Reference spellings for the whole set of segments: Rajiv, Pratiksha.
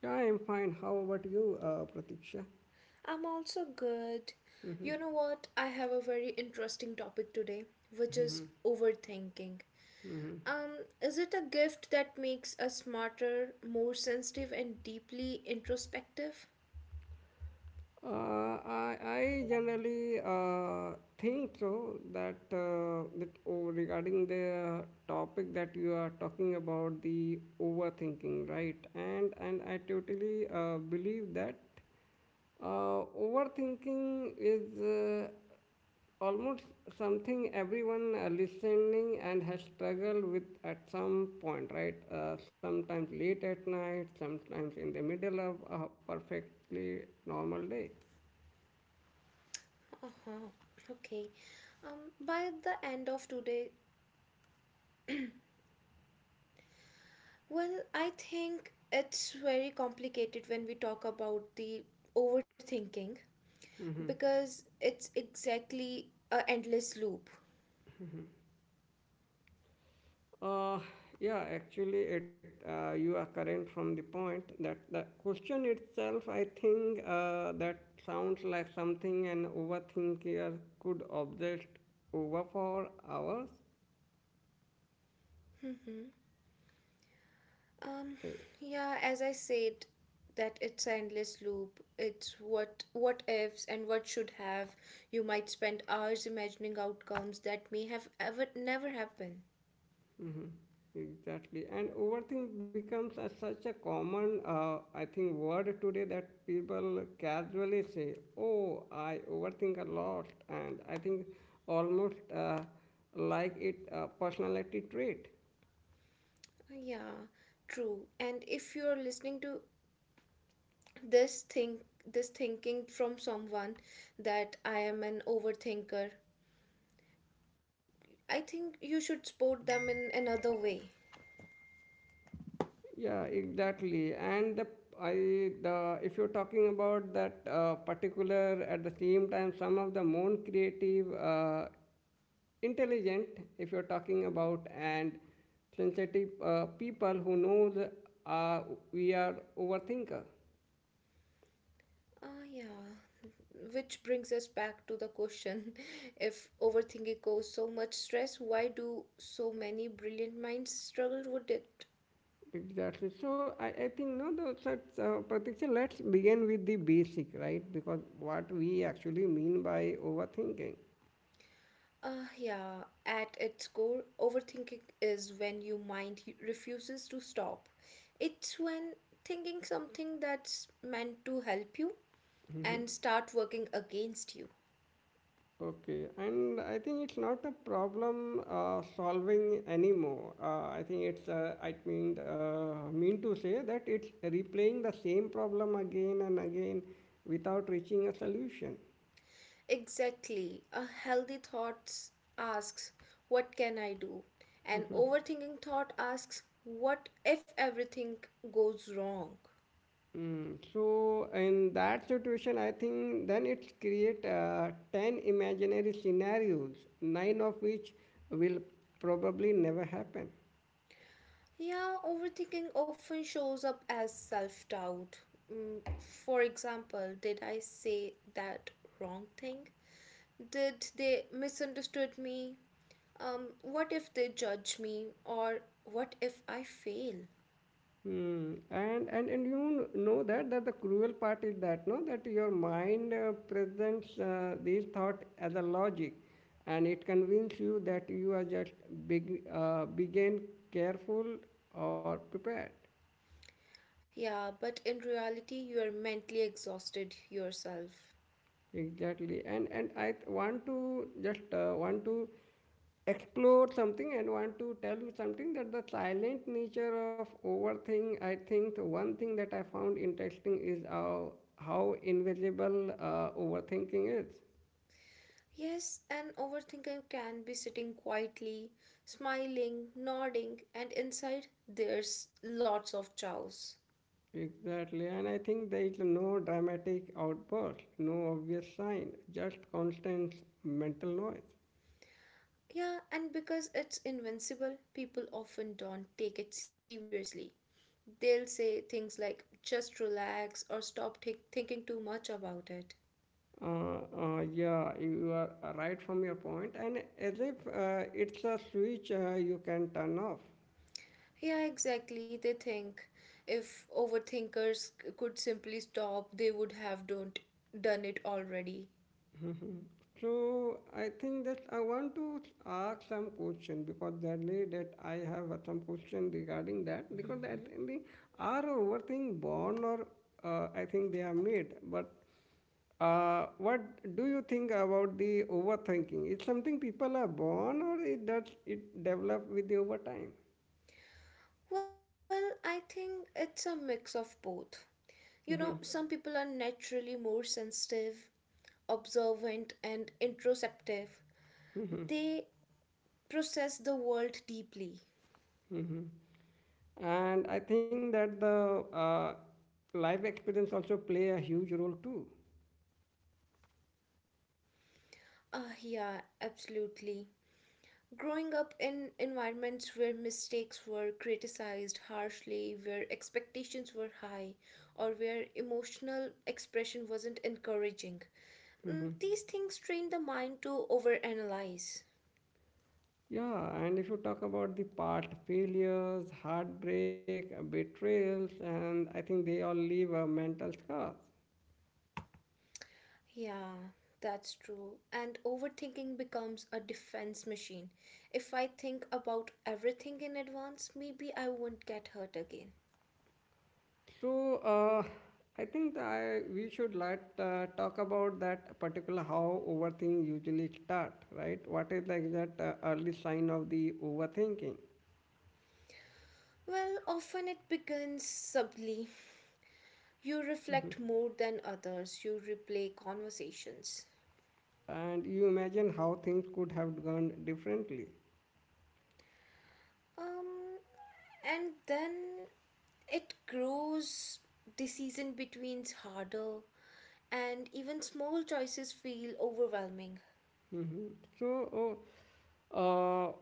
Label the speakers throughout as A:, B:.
A: Yeah, I'm fine. How about you, Pratiksha?
B: I'm also good.
A: Mhm,
B: You know what? I have a very interesting topic today, which is
A: mhm,
B: overthinking.
A: mhm.
B: Is it a gift that makes us smarter, more sensitive, and deeply introspective?
A: I generally think so that regarding the topic that you are talking about, the overthinking, right? And I totally believe that overthinking is almost something everyone listening and has struggled with at some point, right? Sometimes late at night, sometimes in the middle of a perfectly normal day.
B: Uh-huh. Okay. By the end of today, well, I think it's very complicated when we talk about the overthinking because it's exactly a endless loop.
A: Uh, yeah, actually, it you are correct from the point that the question itself, I think, that sounds like something an overthinker could obsess over for hours.
B: Um,
A: Eh,
B: yeah, as I said, that it's an endless loop. It's what ifs and what should have. You might spend hours imagining outcomes that may have ever never happen.
A: Exactly. And overthink becomes a, such a common, I think, word today that people casually say, "Oh, I overthink a lot." And I think almost like it a personality trait.
B: Yeah, true. And if you're listening to this thing this thinking from someone that I am an overthinker, I think you should support them in another way.
A: Yeah, exactly. And the I the if you're talking about that particular at the same time some of the more creative intelligent if you're talking about and sensitive people who knows uh, we are overthinker.
B: Ah, yeah. Which brings us back to the question if overthinking causes so much stress, why do so many brilliant minds struggle with it?
A: Exactly, so I think no the such Pratiksha, let's begin with the basic right because what we actually mean by overthinking.
B: Ah, yeah. At its core, overthinking is when your mind refuses to stop. It's when thinking something that's meant to help you and start working against you.
A: Okay, and I think it's not a problem solving anymore. I think it's I mean to say that it's replaying the same problem again and again without reaching a solution.
B: Exactly. A healthy thought asks, what can I do? An overthinking thought asks, what if everything goes wrong?
A: Mm, so in that situation, I think then it's create 10 imaginary scenarios, nine of which will probably never happen.
B: Yeah, overthinking often shows up as self doubt. Mm, for example, did I say that wrong thing? Did they misunderstood me? What if they judge me? Or what if I fail?
A: Hmm. And you know that that the cruel part is that no that your mind presents these thought as a logic, and it convinces you that you are just begin careful or prepared.
B: Yeah, but in reality, you are mentally exhausted yourself.
A: Exactly. And want to just want to explore something and want to tell you something that the silent nature of overthink, I think the one thing that I found interesting is how invisible overthinking is.
B: Yes, an overthinker can be sitting quietly, smiling, nodding, and inside there's lots of chaos.
A: Exactly. And I think there is no dramatic outburst, no obvious sign, just constant mental noise.
B: Yeah, and because it's invincible, people often don't take it seriously. They'll say things like just relax or stop thinking too much about it.
A: Yeah, you are right from your point, and as if it's a switch you can turn off.
B: Yeah, exactly. They think if overthinkers could simply stop, they would have don't done it already.
A: So I think that I want to ask some question because really that I have some question regarding that because that think they are overthink born or I think they are made. But what do you think about the overthinking? It's something people are born or it does it develop with the over time?
B: Well, I think it's a mix of both. You
A: Hmm,
B: know, some people are naturally more sensitive, observant, and introspective.
A: hmm,
B: They process the world deeply.
A: hmm, and I think that the life experience also play a huge role too.
B: Ah, yeah, absolutely. Growing up in environments where mistakes were criticized harshly, where expectations were high, or where emotional expression wasn't encouraging, mm, these things train the
A: Mhm.
B: mind to overanalyze.
A: Yeah, and if you talk about the past failures heartbreak betrayals and I think they all leave mental scars.
B: Yeah, that's true. And overthinking becomes a defense machine. If I think about everything in advance, maybe I won't get hurt again.
A: So uh, I think we should let talk about that particular how overthink usually start, right? What is like that early sign of the overthinking?
B: Well, often it begins subtly. You reflect more than others, you replay conversations.
A: And you imagine how things could have gone differently.
B: Um, and then it grows, the season between's harder, and even small choices feel overwhelming.
A: Mhm. So, oh, uh,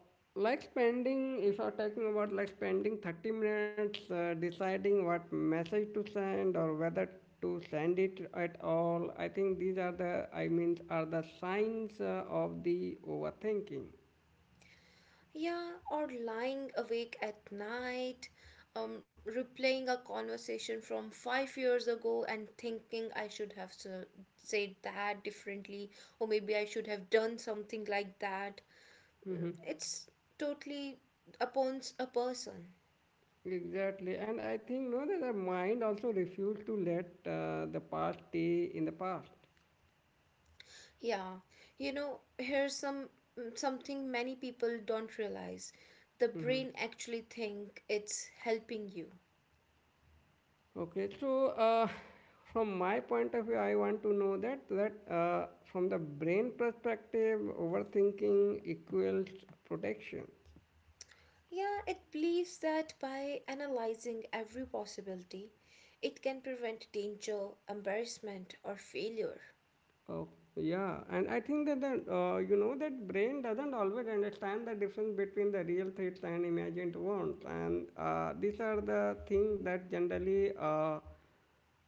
A: like spending, if you're talking about like spending 30 minutes deciding what message to send or whether to send it at all, I think these are the, I mean, are the signs of the overthinking.
B: Yeah, or lying awake at night, replaying a conversation from 5 years ago and thinking I should have said that differently, or maybe I should have done something like that. Mm,
A: Hmm.
B: it's totally upon a person.
A: Exactly. And I think, no, that the mind also refuses to let the past stay in the past.
B: Yeah, you know, here's some something many people don't realize. The brain actually think it's helping you.
A: Okay, so from my point of view, I want to know that from the brain perspective, overthinking equals protection.
B: Yeah, it believes that by analyzing every possibility, it can prevent danger, embarrassment, or failure.
A: Oh, yeah, and I think that you know that brain doesn't always understand the difference between the real threats and imagined ones, and these are the things that generally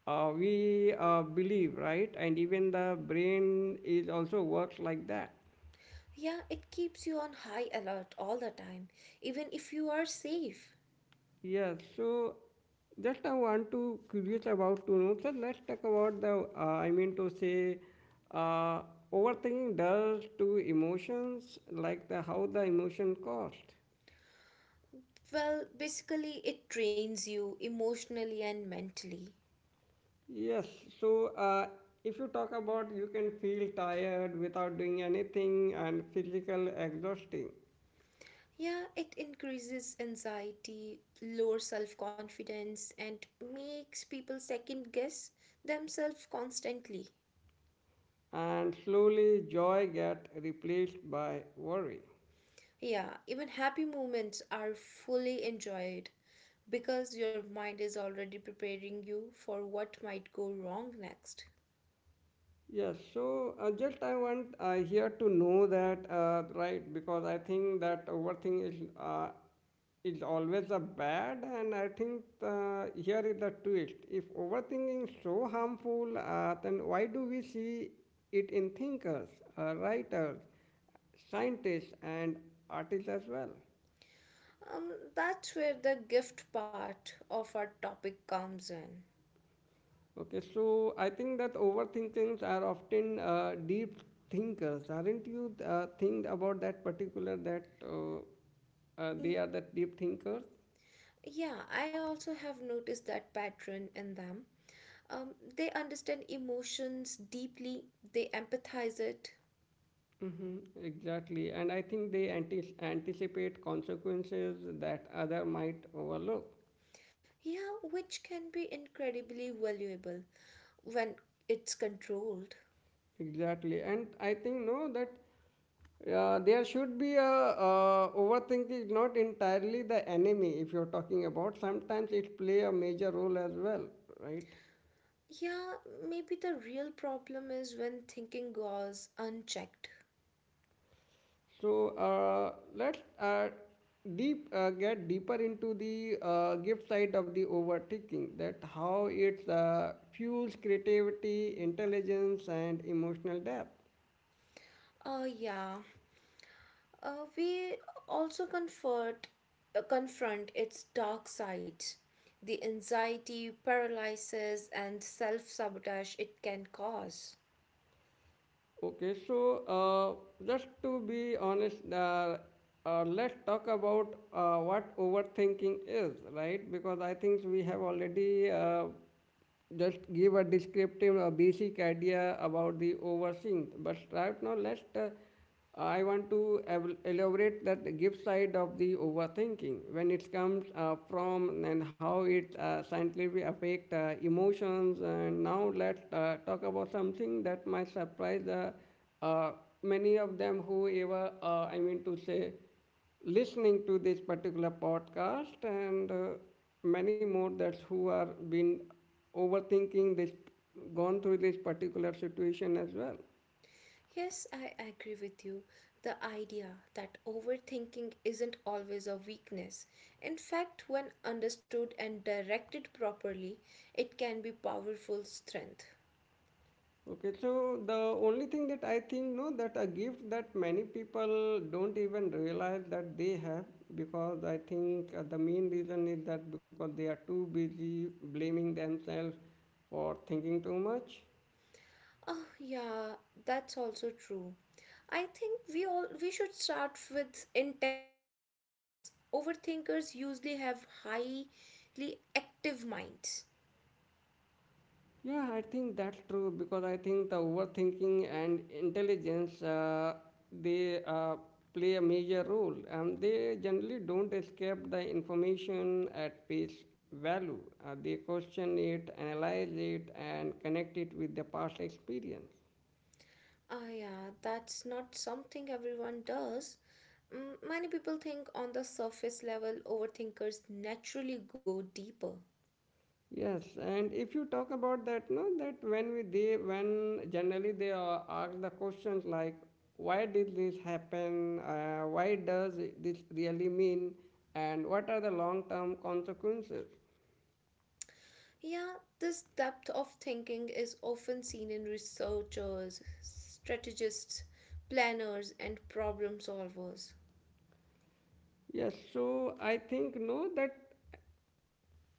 A: we believe, right? And even the brain is also works like that.
B: Yeah, it keeps you on high alert all the time, even if you are safe.
A: Yes, so just I want to curious about to know, sir. Let's talk about the I mean to say uh, overthinking does to emotions, like the how the emotion cost.
B: Well, basically, it drains you emotionally and mentally.
A: Yes, so if you talk about you can feel tired without doing anything and physical exhausting,
B: Yeah, it increases anxiety, lower self confidence, and makes people second guess themselves constantly.
A: and slowly joy get replaced by worry.
B: Yeah, even happy moments are fully enjoyed because your mind is already preparing you for what might go wrong next.
A: Yes, so just I want here to know that right because I think that overthink is always a bad, and I think here is the twist. If overthinking is so harmful, then why do we see it in thinkers, writers, scientists, and artists as well?
B: That's where the gift part of our topic comes in.
A: Okay, so I think that overthinkings are often deep thinkers. Aren't you think about that particular that they
B: Y-
A: are that deep thinkers?
B: Yeah, I also have noticed that pattern in them. They understand emotions deeply, they empathize it.
A: Hmm, exactly, and I think they anticipate consequences that other might overlook.
B: Yeah, which can be incredibly valuable when it's controlled.
A: Exactly, and I think no that there should be a overthinking is not entirely the enemy if you're talking about. Sometimes it play a major role as well, right?
B: Yeah, maybe the real problem is when thinking goes unchecked.
A: So let's deep get deeper into the gift side of the overthinking. That how it fuels creativity, intelligence, and emotional depth.
B: Yeah. We also confront its dark sides, the anxiety, paralysis, and self sabotage it can cause.
A: Okay, so just to be honest, let's talk about what overthinking is, right? Because I think we have already just give a descriptive or basic idea about the overthink. But right now, let's I want to elaborate that the gift side of the overthinking when it comes from and how it scientifically affect emotions. And now let's talk about something that might surprise uh, many of them whoever I mean to say listening to this particular podcast and many more that's who are been overthinking this gone through this particular situation as well.
B: Yes, I agree with you. The idea that overthinking isn't always a weakness. In fact, when understood and directed properly, it can be powerful strength.
A: Okay, so the only thing that I think no that a gift that many people don't even realize that they have because I think the main reason is that because they are too busy blaming themselves for thinking too much.
B: Oh yeah, that's also true. I think we should start with intelligence. Overthinkers usually have highly active minds.
A: Yeah, I think that's true because I think the overthinking and intelligence they play a major role. They generally don't escape the information at face value. They question it, analyze it, and connect it with the past experience.
B: Ah yeah, that's not something everyone does. Mm, many people think on the surface level, overthinkers naturally go deeper.
A: Yes, and if you talk about that, no, that when we they when generally they ask the questions like why did this happen, why does this really mean, and what are the long-term consequences?
B: Yeah, this depth of thinking is often seen in researchers, strategists, planners, and problem solvers.
A: Yes, so I think no that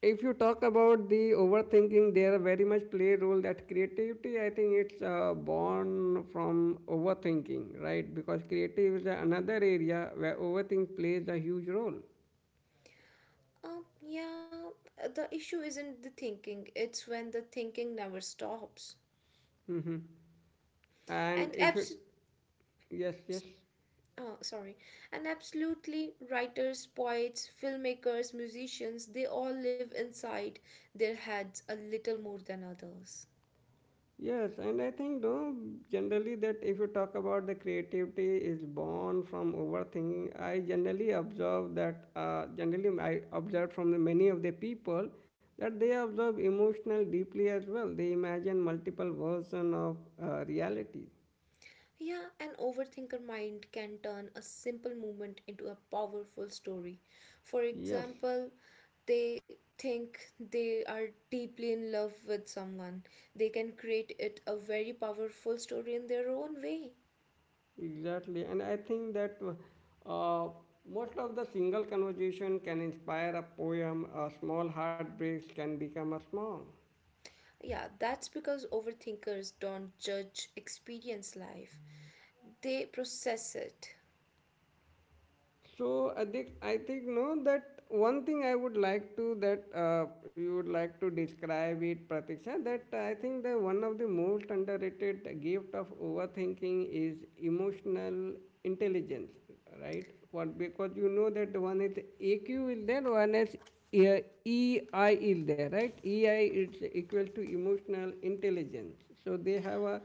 A: if you talk about the overthinking, there are very much play role that creativity. I think it's born from overthinking, right? Because creative is another area where overthink plays a huge role.
B: Yeah, the issue isn't the thinking, it's when the thinking never stops.
A: Mm-hmm. And
B: And
A: if you,
B: abs-
A: yes, yes,
B: Sorry, and absolutely writers, poets, filmmakers, musicians, they all live inside their heads a little more than others.
A: yes, and I think no, generally that if you talk about the creativity is born from overthinking, I generally observe that, generally I observe from the many of the people that they observe emotional deeply as well. They imagine multiple version of reality.
B: Yeah, an overthinker mind can turn a simple movement into a powerful story. For
A: Yes,
B: example, they think they are deeply in love with someone. They can create it a very powerful story in their own way.
A: exactly. And I think that uh, most of the single conversation can inspire a poem, a small heartbreaks can become a song.
B: Yeah, that's because overthinkers don't judge experience life. They process it.
A: So I think no that one thing I would like to that you would like to describe it, Pratiksha, that I think that one of the most underrated gift of overthinking is emotional intelligence, right? What because you know that one is AQ is there, one is uh, EI is there, right? EI it's equal to emotional intelligence, so they have a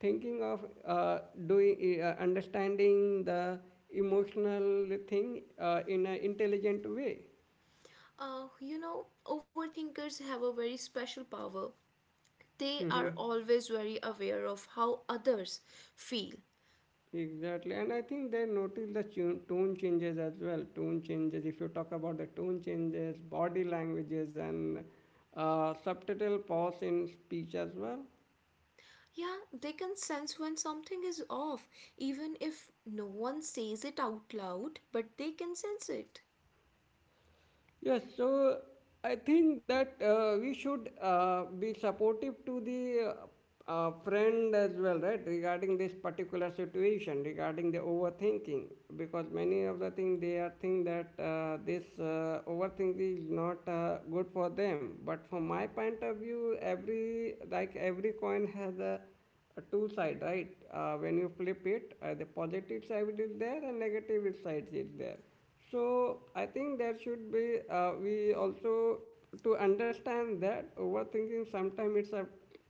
A: thinking of doing understanding the emotional thing in an intelligent way.
B: You know, overthinkers have a very special power. They are
A: Hmm,
B: always very aware of how others feel.
A: exactly, and I think they notice the tone changes as well, tone changes if you talk about the tone changes, body languages and subtitle pause in speech as well.
B: Yeah, they can sense when something is off, even if no one says it out loud, but they can sense it.
A: Yes, so I think that we should be supportive to the friend as well, right? Regarding this particular situation, regarding the overthinking, because many of the things they are think that this overthinking is not good for them. But from my point of view, every like every coin has a two side, right? When you flip it, the positive side is there and negative side is there. So I think there should be we also to understand that overthinking sometimes it's a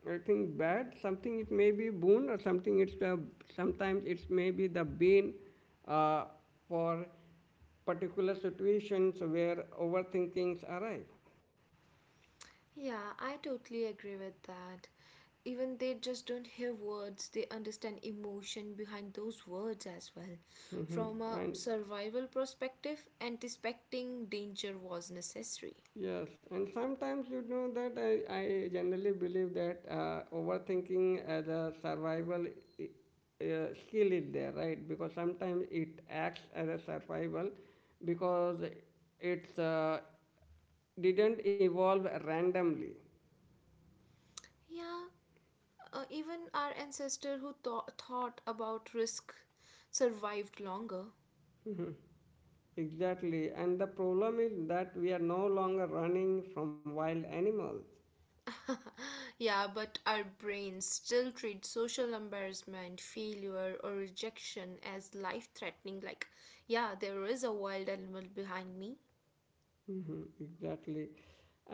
A: I think bad, something it may be boon or something it's the sometimes it's maybe the bane uh, for particular situations where overthinkings arrive.
B: Yeah, I totally agree with that. Even they just don't hear words, they understand emotion behind those words as well.
A: Mhm.
B: From a
A: And
B: survival perspective, anticipating danger was necessary.
A: yes, and sometimes you know that I generally believe that overthinking as a survival i- skill is there, right? Because sometimes it acts as a survival because it's didn't evolve randomly.
B: Yeah, even our ancestor who thought about risk survived longer.
A: Mhm. Exactly, and the problem is that we are no longer running from wild animals.
B: Yeah, but our brains still treat social embarrassment, failure, or rejection as life threatening. Like, yeah, there is a wild animal behind me.
A: Mm-hmm, exactly.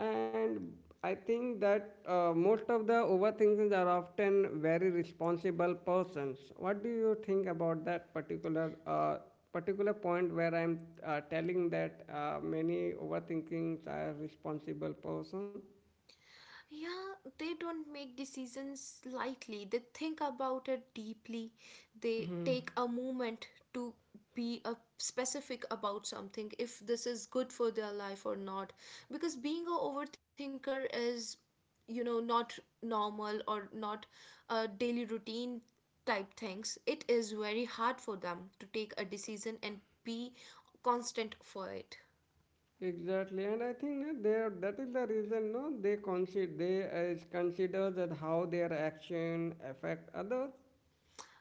A: And I think that most of the overthinkers are often very responsible persons. What do you think about that particular particular point where I'm telling that many overthinkings are responsible person?
B: Yeah, they don't make decisions lightly. They think about it deeply. They take a moment to be a specific about something if this is good for their life or not. Because being a overthinker is, you know, not normal or not a daily routine type things. It is very hard for them to take a decision and be constant for it.
A: Exactly, and I think that they are, that is the reason. No, they consider they is consider that how their action affect others.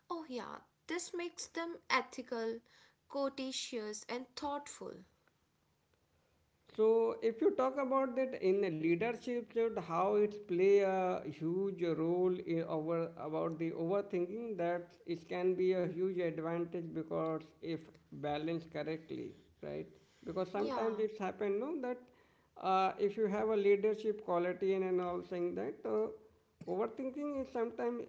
B: Oh, yeah, this makes them ethical, courteous, and thoughtful.
A: So, if you talk about that in the leadership, that how it play a huge role in over about the overthinking, that it can be a huge advantage because if balanced correctly, right? Because
B: Yeah,
A: sometimes it's happened, no, that if you have a leadership quality and all saying that overthinking is sometimes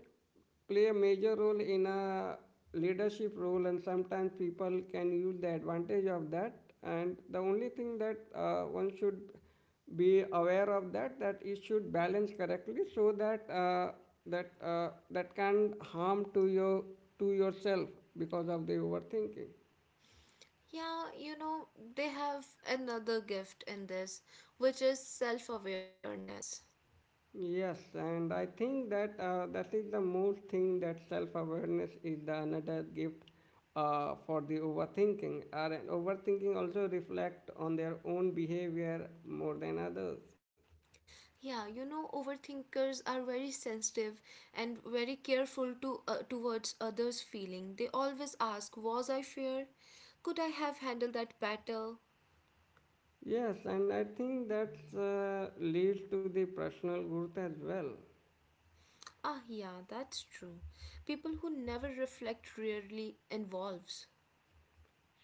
A: play a major role in a leadership role, and sometimes people can use the advantage of that. And the only thing that one should be aware of that that it should balance correctly, so that that can harm to your to yourself because of the overthinking.
B: yeah, you know, they have another gift in this, which is self awareness.
A: Yes, and I think that that is the most thing, that self-awareness is the another gift for the overthinking. Or an overthinking also reflect on their own behavior more than others.
B: Yeah, you know, overthinkers are very sensitive and very careful to towards others' feeling. They always ask, "Was I fair? Could I have handled that better?"
A: Yes, and I think that leads to the personal growth as well.
B: Ah, yeah, that's true. People who never reflect rarely involves.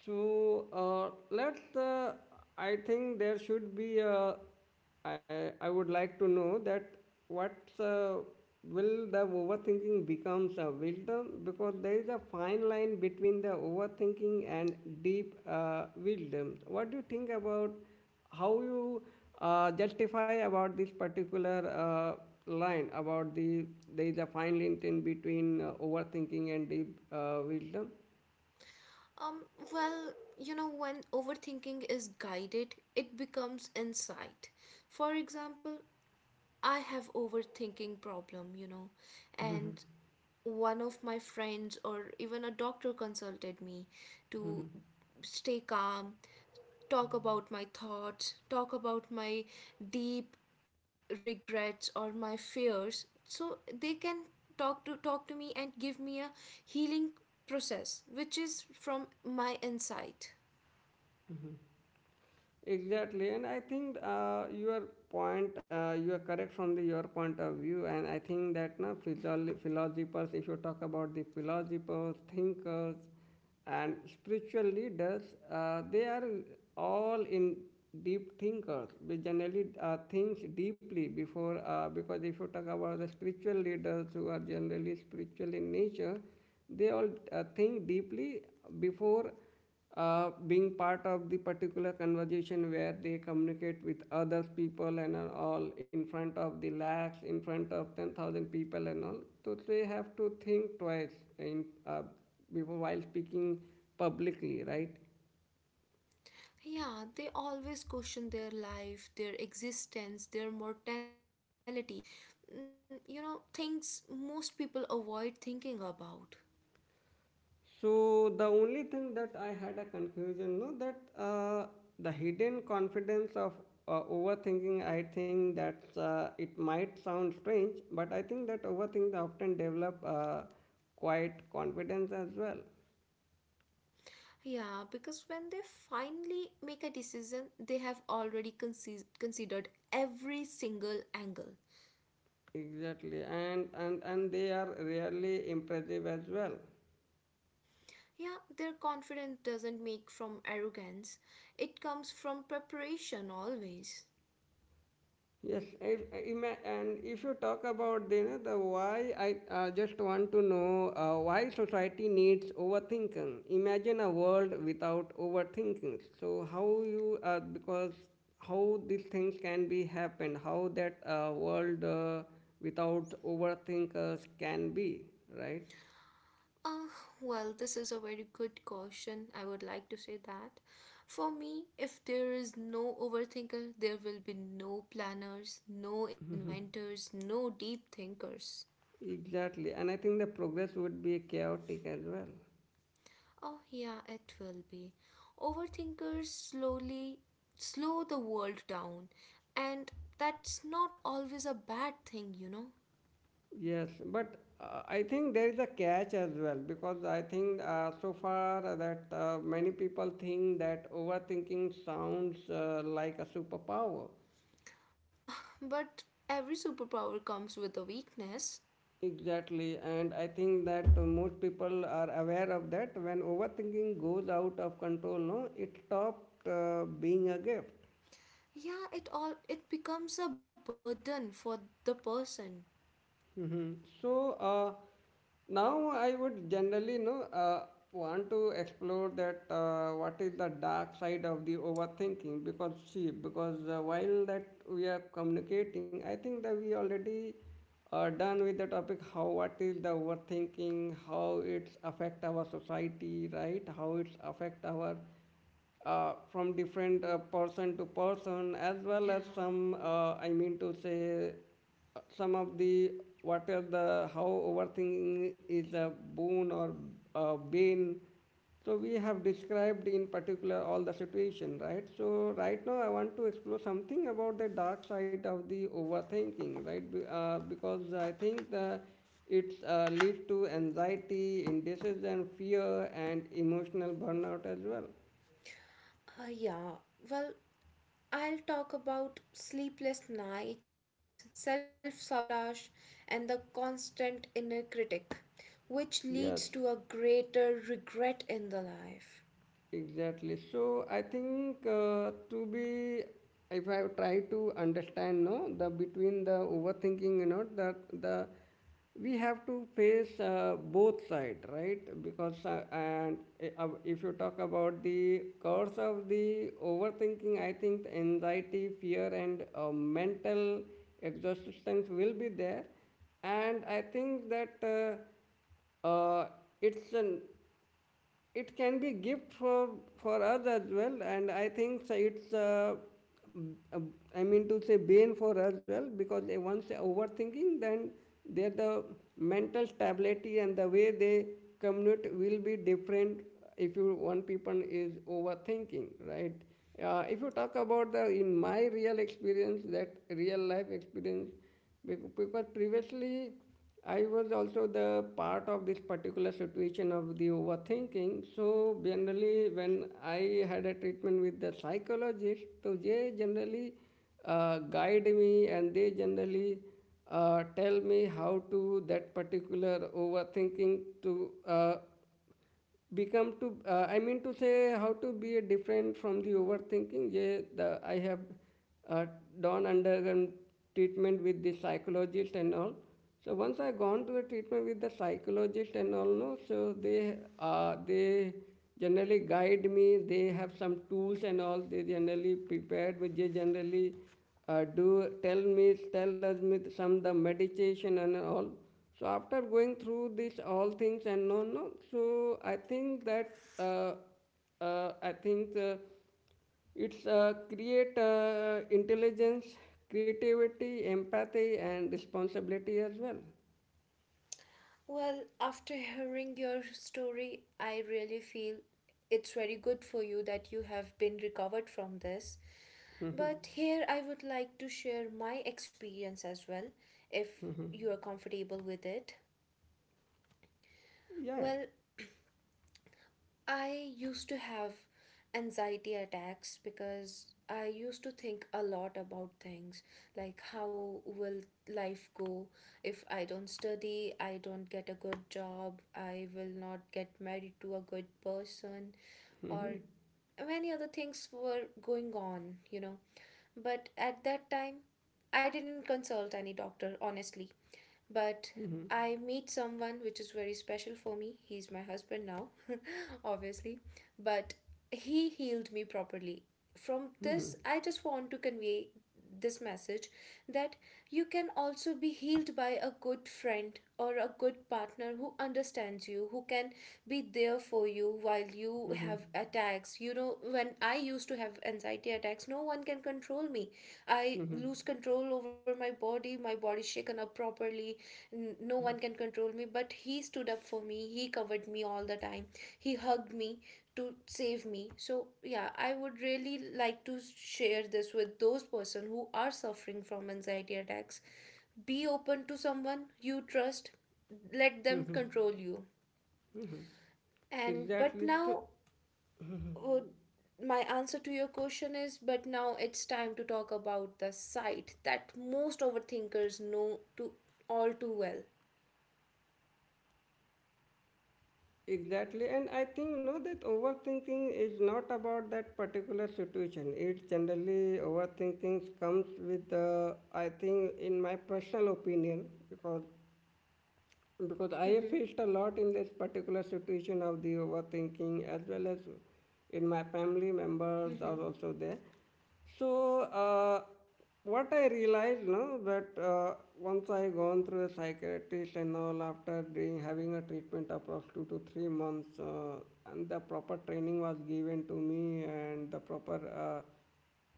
A: So let's. I think there should be. I would like to know that what will the overthinking becomes a wisdom, because there is a fine line between the overthinking and deep wisdom. What do you think about how you justify about this particular line about the there is a fine line in between overthinking and deep wisdom?
B: Um, well, you know, when overthinking is guided, it becomes insight. For example, I have overthinking problem, you know, and one of my friends or even a doctor consulted me to stay calm, talk about my thoughts, talk about my deep regrets or my fears. So they can talk to me and give me a healing process which is from my insight.
A: Exactly, and I think your point, you are correct from the your point of view. And I think that philosophers, if you talk about the philosophers, thinkers, and spiritual leaders, they are all in deep thinkers. They generally think deeply before, because if you talk about the spiritual leaders who are generally spiritual in nature, they all think deeply before being part of the particular conversation where they communicate with others people and all in front of the lakhs, in front of 10,000 people and all. So they have to think twice in, before while speaking publicly, right?
B: Yeah, they always question their life, their existence, their mortality. Mm, you know, things most people avoid thinking about.
A: So the only thing that I had a confusion, no, that the hidden confidence of overthinking, I think that it might sound strange, but I think that overthink often develop quite confidence as well.
B: Yeah, because when they finally make a decision, they have already considered every single angle.
A: Exactly, and they are really impressive as well.
B: Yeah, their confidence doesn't make from arrogance, it comes from preparation always.
A: Yes, if, and if you talk about the, you know, the why, I just want to know why society needs overthinking. Imagine a world without overthinking. So how you because how these things can be happened, how that world without overthinkers can be, right?
B: Ah, well, this is a very good caution. I would like to say that. For me, if there is no overthinker, there will be no planners, no
A: Mhm.
B: inventors, no deep thinkers.
A: Exactly, and I think the progress would be chaotic as well.
B: Oh, yeah, it will be. Overthinkers slow the world down, and that's not always a bad thing, you know.
A: Yes, but I think there is a catch as well, because I think so far that many people think that overthinking sounds like a superpower.
B: Ah, but every superpower comes with a weakness.
A: Exactly, and I think that most people are aware of that. When overthinking goes out of control, no, it stopped being a gift.
B: Yeah, it becomes a burden for the person.
A: Hmm. So uh, now I would generally, you know, want to explore that what is the dark side of the overthinking. Because see, because while that we are communicating, I think that we already are done with the topic how what is the overthinking, how it's affect our society, right? How it's affect our from different person to person, as well as
B: Yeah.
A: some I mean to say some of the what are the how overthinking is a boon or a bane. So we have described in particular all the situation, right? So right now I want to explore something about the dark side of the overthinking, right? Because I think the it leads to anxiety, indecision, fear, and emotional burnout as well.
B: Yeah. Well, I'll talk about sleepless nights, self sabotage, and the constant inner critic, which
A: Yes,
B: leads to a greater regret in the life.
A: exactly. So I think to be, if I try to understand, no, the between the overthinking, you know, that the we have to face both side, right? Because if you talk about the cause of the overthinking, I think the anxiety, fear, and mental exhaustions will be there. And I think that. Uh, it's an it can be gift for us as well. And I think so it's uh, I mean to say bane for us as well, because they once they overthinking, then their the mental stability and the way they communicate will be different if you one people is overthinking, right? If you talk about the in my real experience, that real life experience. Because previously I was also the part of this particular situation of the overthinking. So generally, when I had a treatment with the psychologist, so they generally guide me, and they generally tell me how to that particular overthinking to become to I mean to say how to be different from the overthinking. Yeah, the I have uh, done undergone treatment with the psychologist and all. So once I gone to a treatment with the psychologist and all, no, so they they generally guide me. They have some tools and all. They generally prepared me. They generally do tell me, tell us with some the meditation and all. So after going through this all things and no no, so I think that I think it's create intelligence, creativity, empathy, and responsibility as well.
B: Well, after hearing your story, I really feel it's very good for you that you have been recovered from this.
A: Mhm.
B: But here I would like to share my experience as well, if you are comfortable with it.
A: Yeah.
B: Well, I used to have anxiety attacks because I used to think a lot about things like how will life go if I don't study, I don't get a good job, I will not get married to a good person, or
A: Mhm.
B: many other things were going on, you know. But at that time, I didn't consult any doctor, honestly, but
A: Mhm.
B: I meet someone which is very special for me. He's my husband now, obviously, but he healed me properly. From this,
A: Mhm.
B: I just want to convey this message that you can also be healed by a good friend or a good partner who understands you, who can be there for you while you
A: Mhm.
B: have attacks. You know, when I used to have anxiety attacks, no one can control me. I
A: Mhm.
B: lose control over my body shaken up properly, no one can control me, but he stood up for me, he covered me all the time, he hugged me to save me. So yeah, I would really like to share this with those person who are suffering from anxiety attacks. Be open to someone you trust, let them
A: Mhm.
B: control you.
A: Mhm.
B: And but
A: Exactly. So.
B: now,
A: Mhm.
B: uh, my answer to your question is, but now it's time to talk about the side that most overthinkers know to all too well.
A: Exactly, and I think you know that overthinking is not about that particular situation. It generally overthinking comes with, I think, in my personal opinion, because I have
B: Mm-hmm.
A: faced a lot in this particular situation of the overthinking, as well as in my family members are
B: Mm-hmm.
A: also there. So what I realized, no, that once I gone through a psychiatrist and all, after doing having a treatment across 2 to 3 months, and the proper training was given to me and the proper.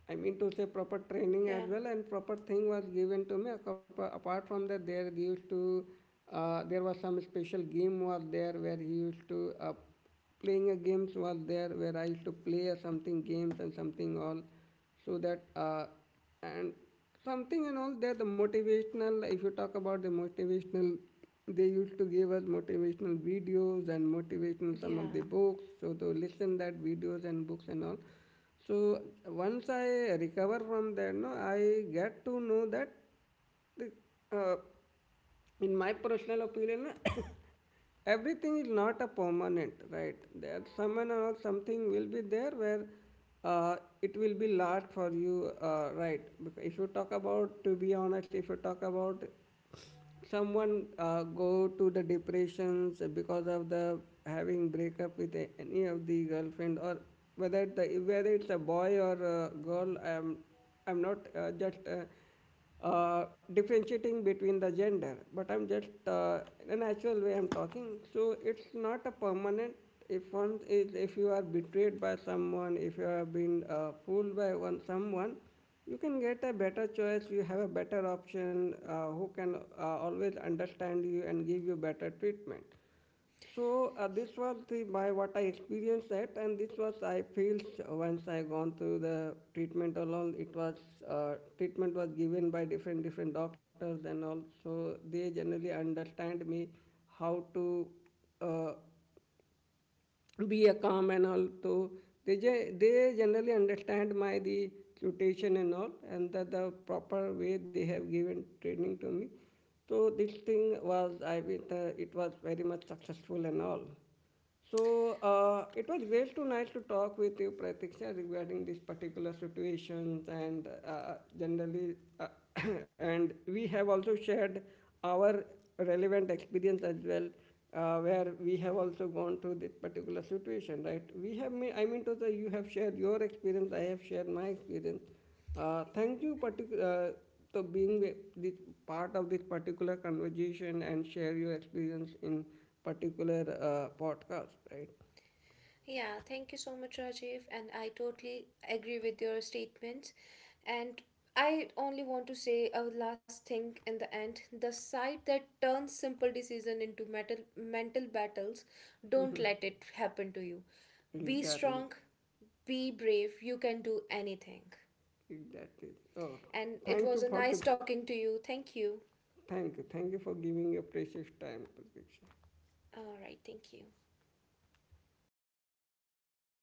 A: I mean to say proper training as
B: Yeah.
A: well, and proper thing was given to me. Apart from that, there they used to there was some special game was there where he used to playing a games was there where I used to play something games and something all, so that and something and all that the motivational, if you talk about the motivational, they used to give us motivational videos and motivational some of
B: Yeah,
A: the books, so to listen that videos and books and all. So once I recover from that, no, I get to know that the, uh, in my personal opinion, everything is not a permanent, right? There someone or something will be there where uh, it will be last for you, right? Because if you talk about, to be honest, if you talk about someone go to the depressions because of the having breakup with any of the girlfriend or whether it's a boy or a girl. I'm not just differentiating between the gender, but I'm just in a natural way I'm talking. So it's not a permanent. If one is, if you are betrayed by someone, if you have been fooled by one someone, you can get a better choice. You have a better option who can always understand you and give you better treatment. So this was the by what I experienced that, and this was I felt once I gone through the treatment alone. It was treatment was given by different different doctors, and also they generally understand me how to uh, be a calm and all. So they generally understand my the tutation and all, and that the proper way they have given training to me. So this thing was I mean, it was very much successful and all. So it was great to nice to talk with you, Pratiksha, regarding these particular situations. And and we have also shared our relevant experience as well, where we have also gone through this particular situation, right? We have, I mean, to Tosa, you have shared your experience, I have shared my experience. Thank you to being this part of this particular conversation and share your experience in particular podcast, right?
B: yeah. Thank you so much, Rajiv. And I totally agree with your statements. And I only want to say a last thing in the end. The side that turns simple decision into metal, mental battles, don't let it happen to you. Be strong,
A: Exactly,
B: be brave. You can do anything.
A: exactly. Oh,
B: And it
A: thank
B: was
A: you
B: a
A: for the,
B: nice talking to you. Thank you.
A: thank you for giving your precious time, Pratik.
B: All right, thank you.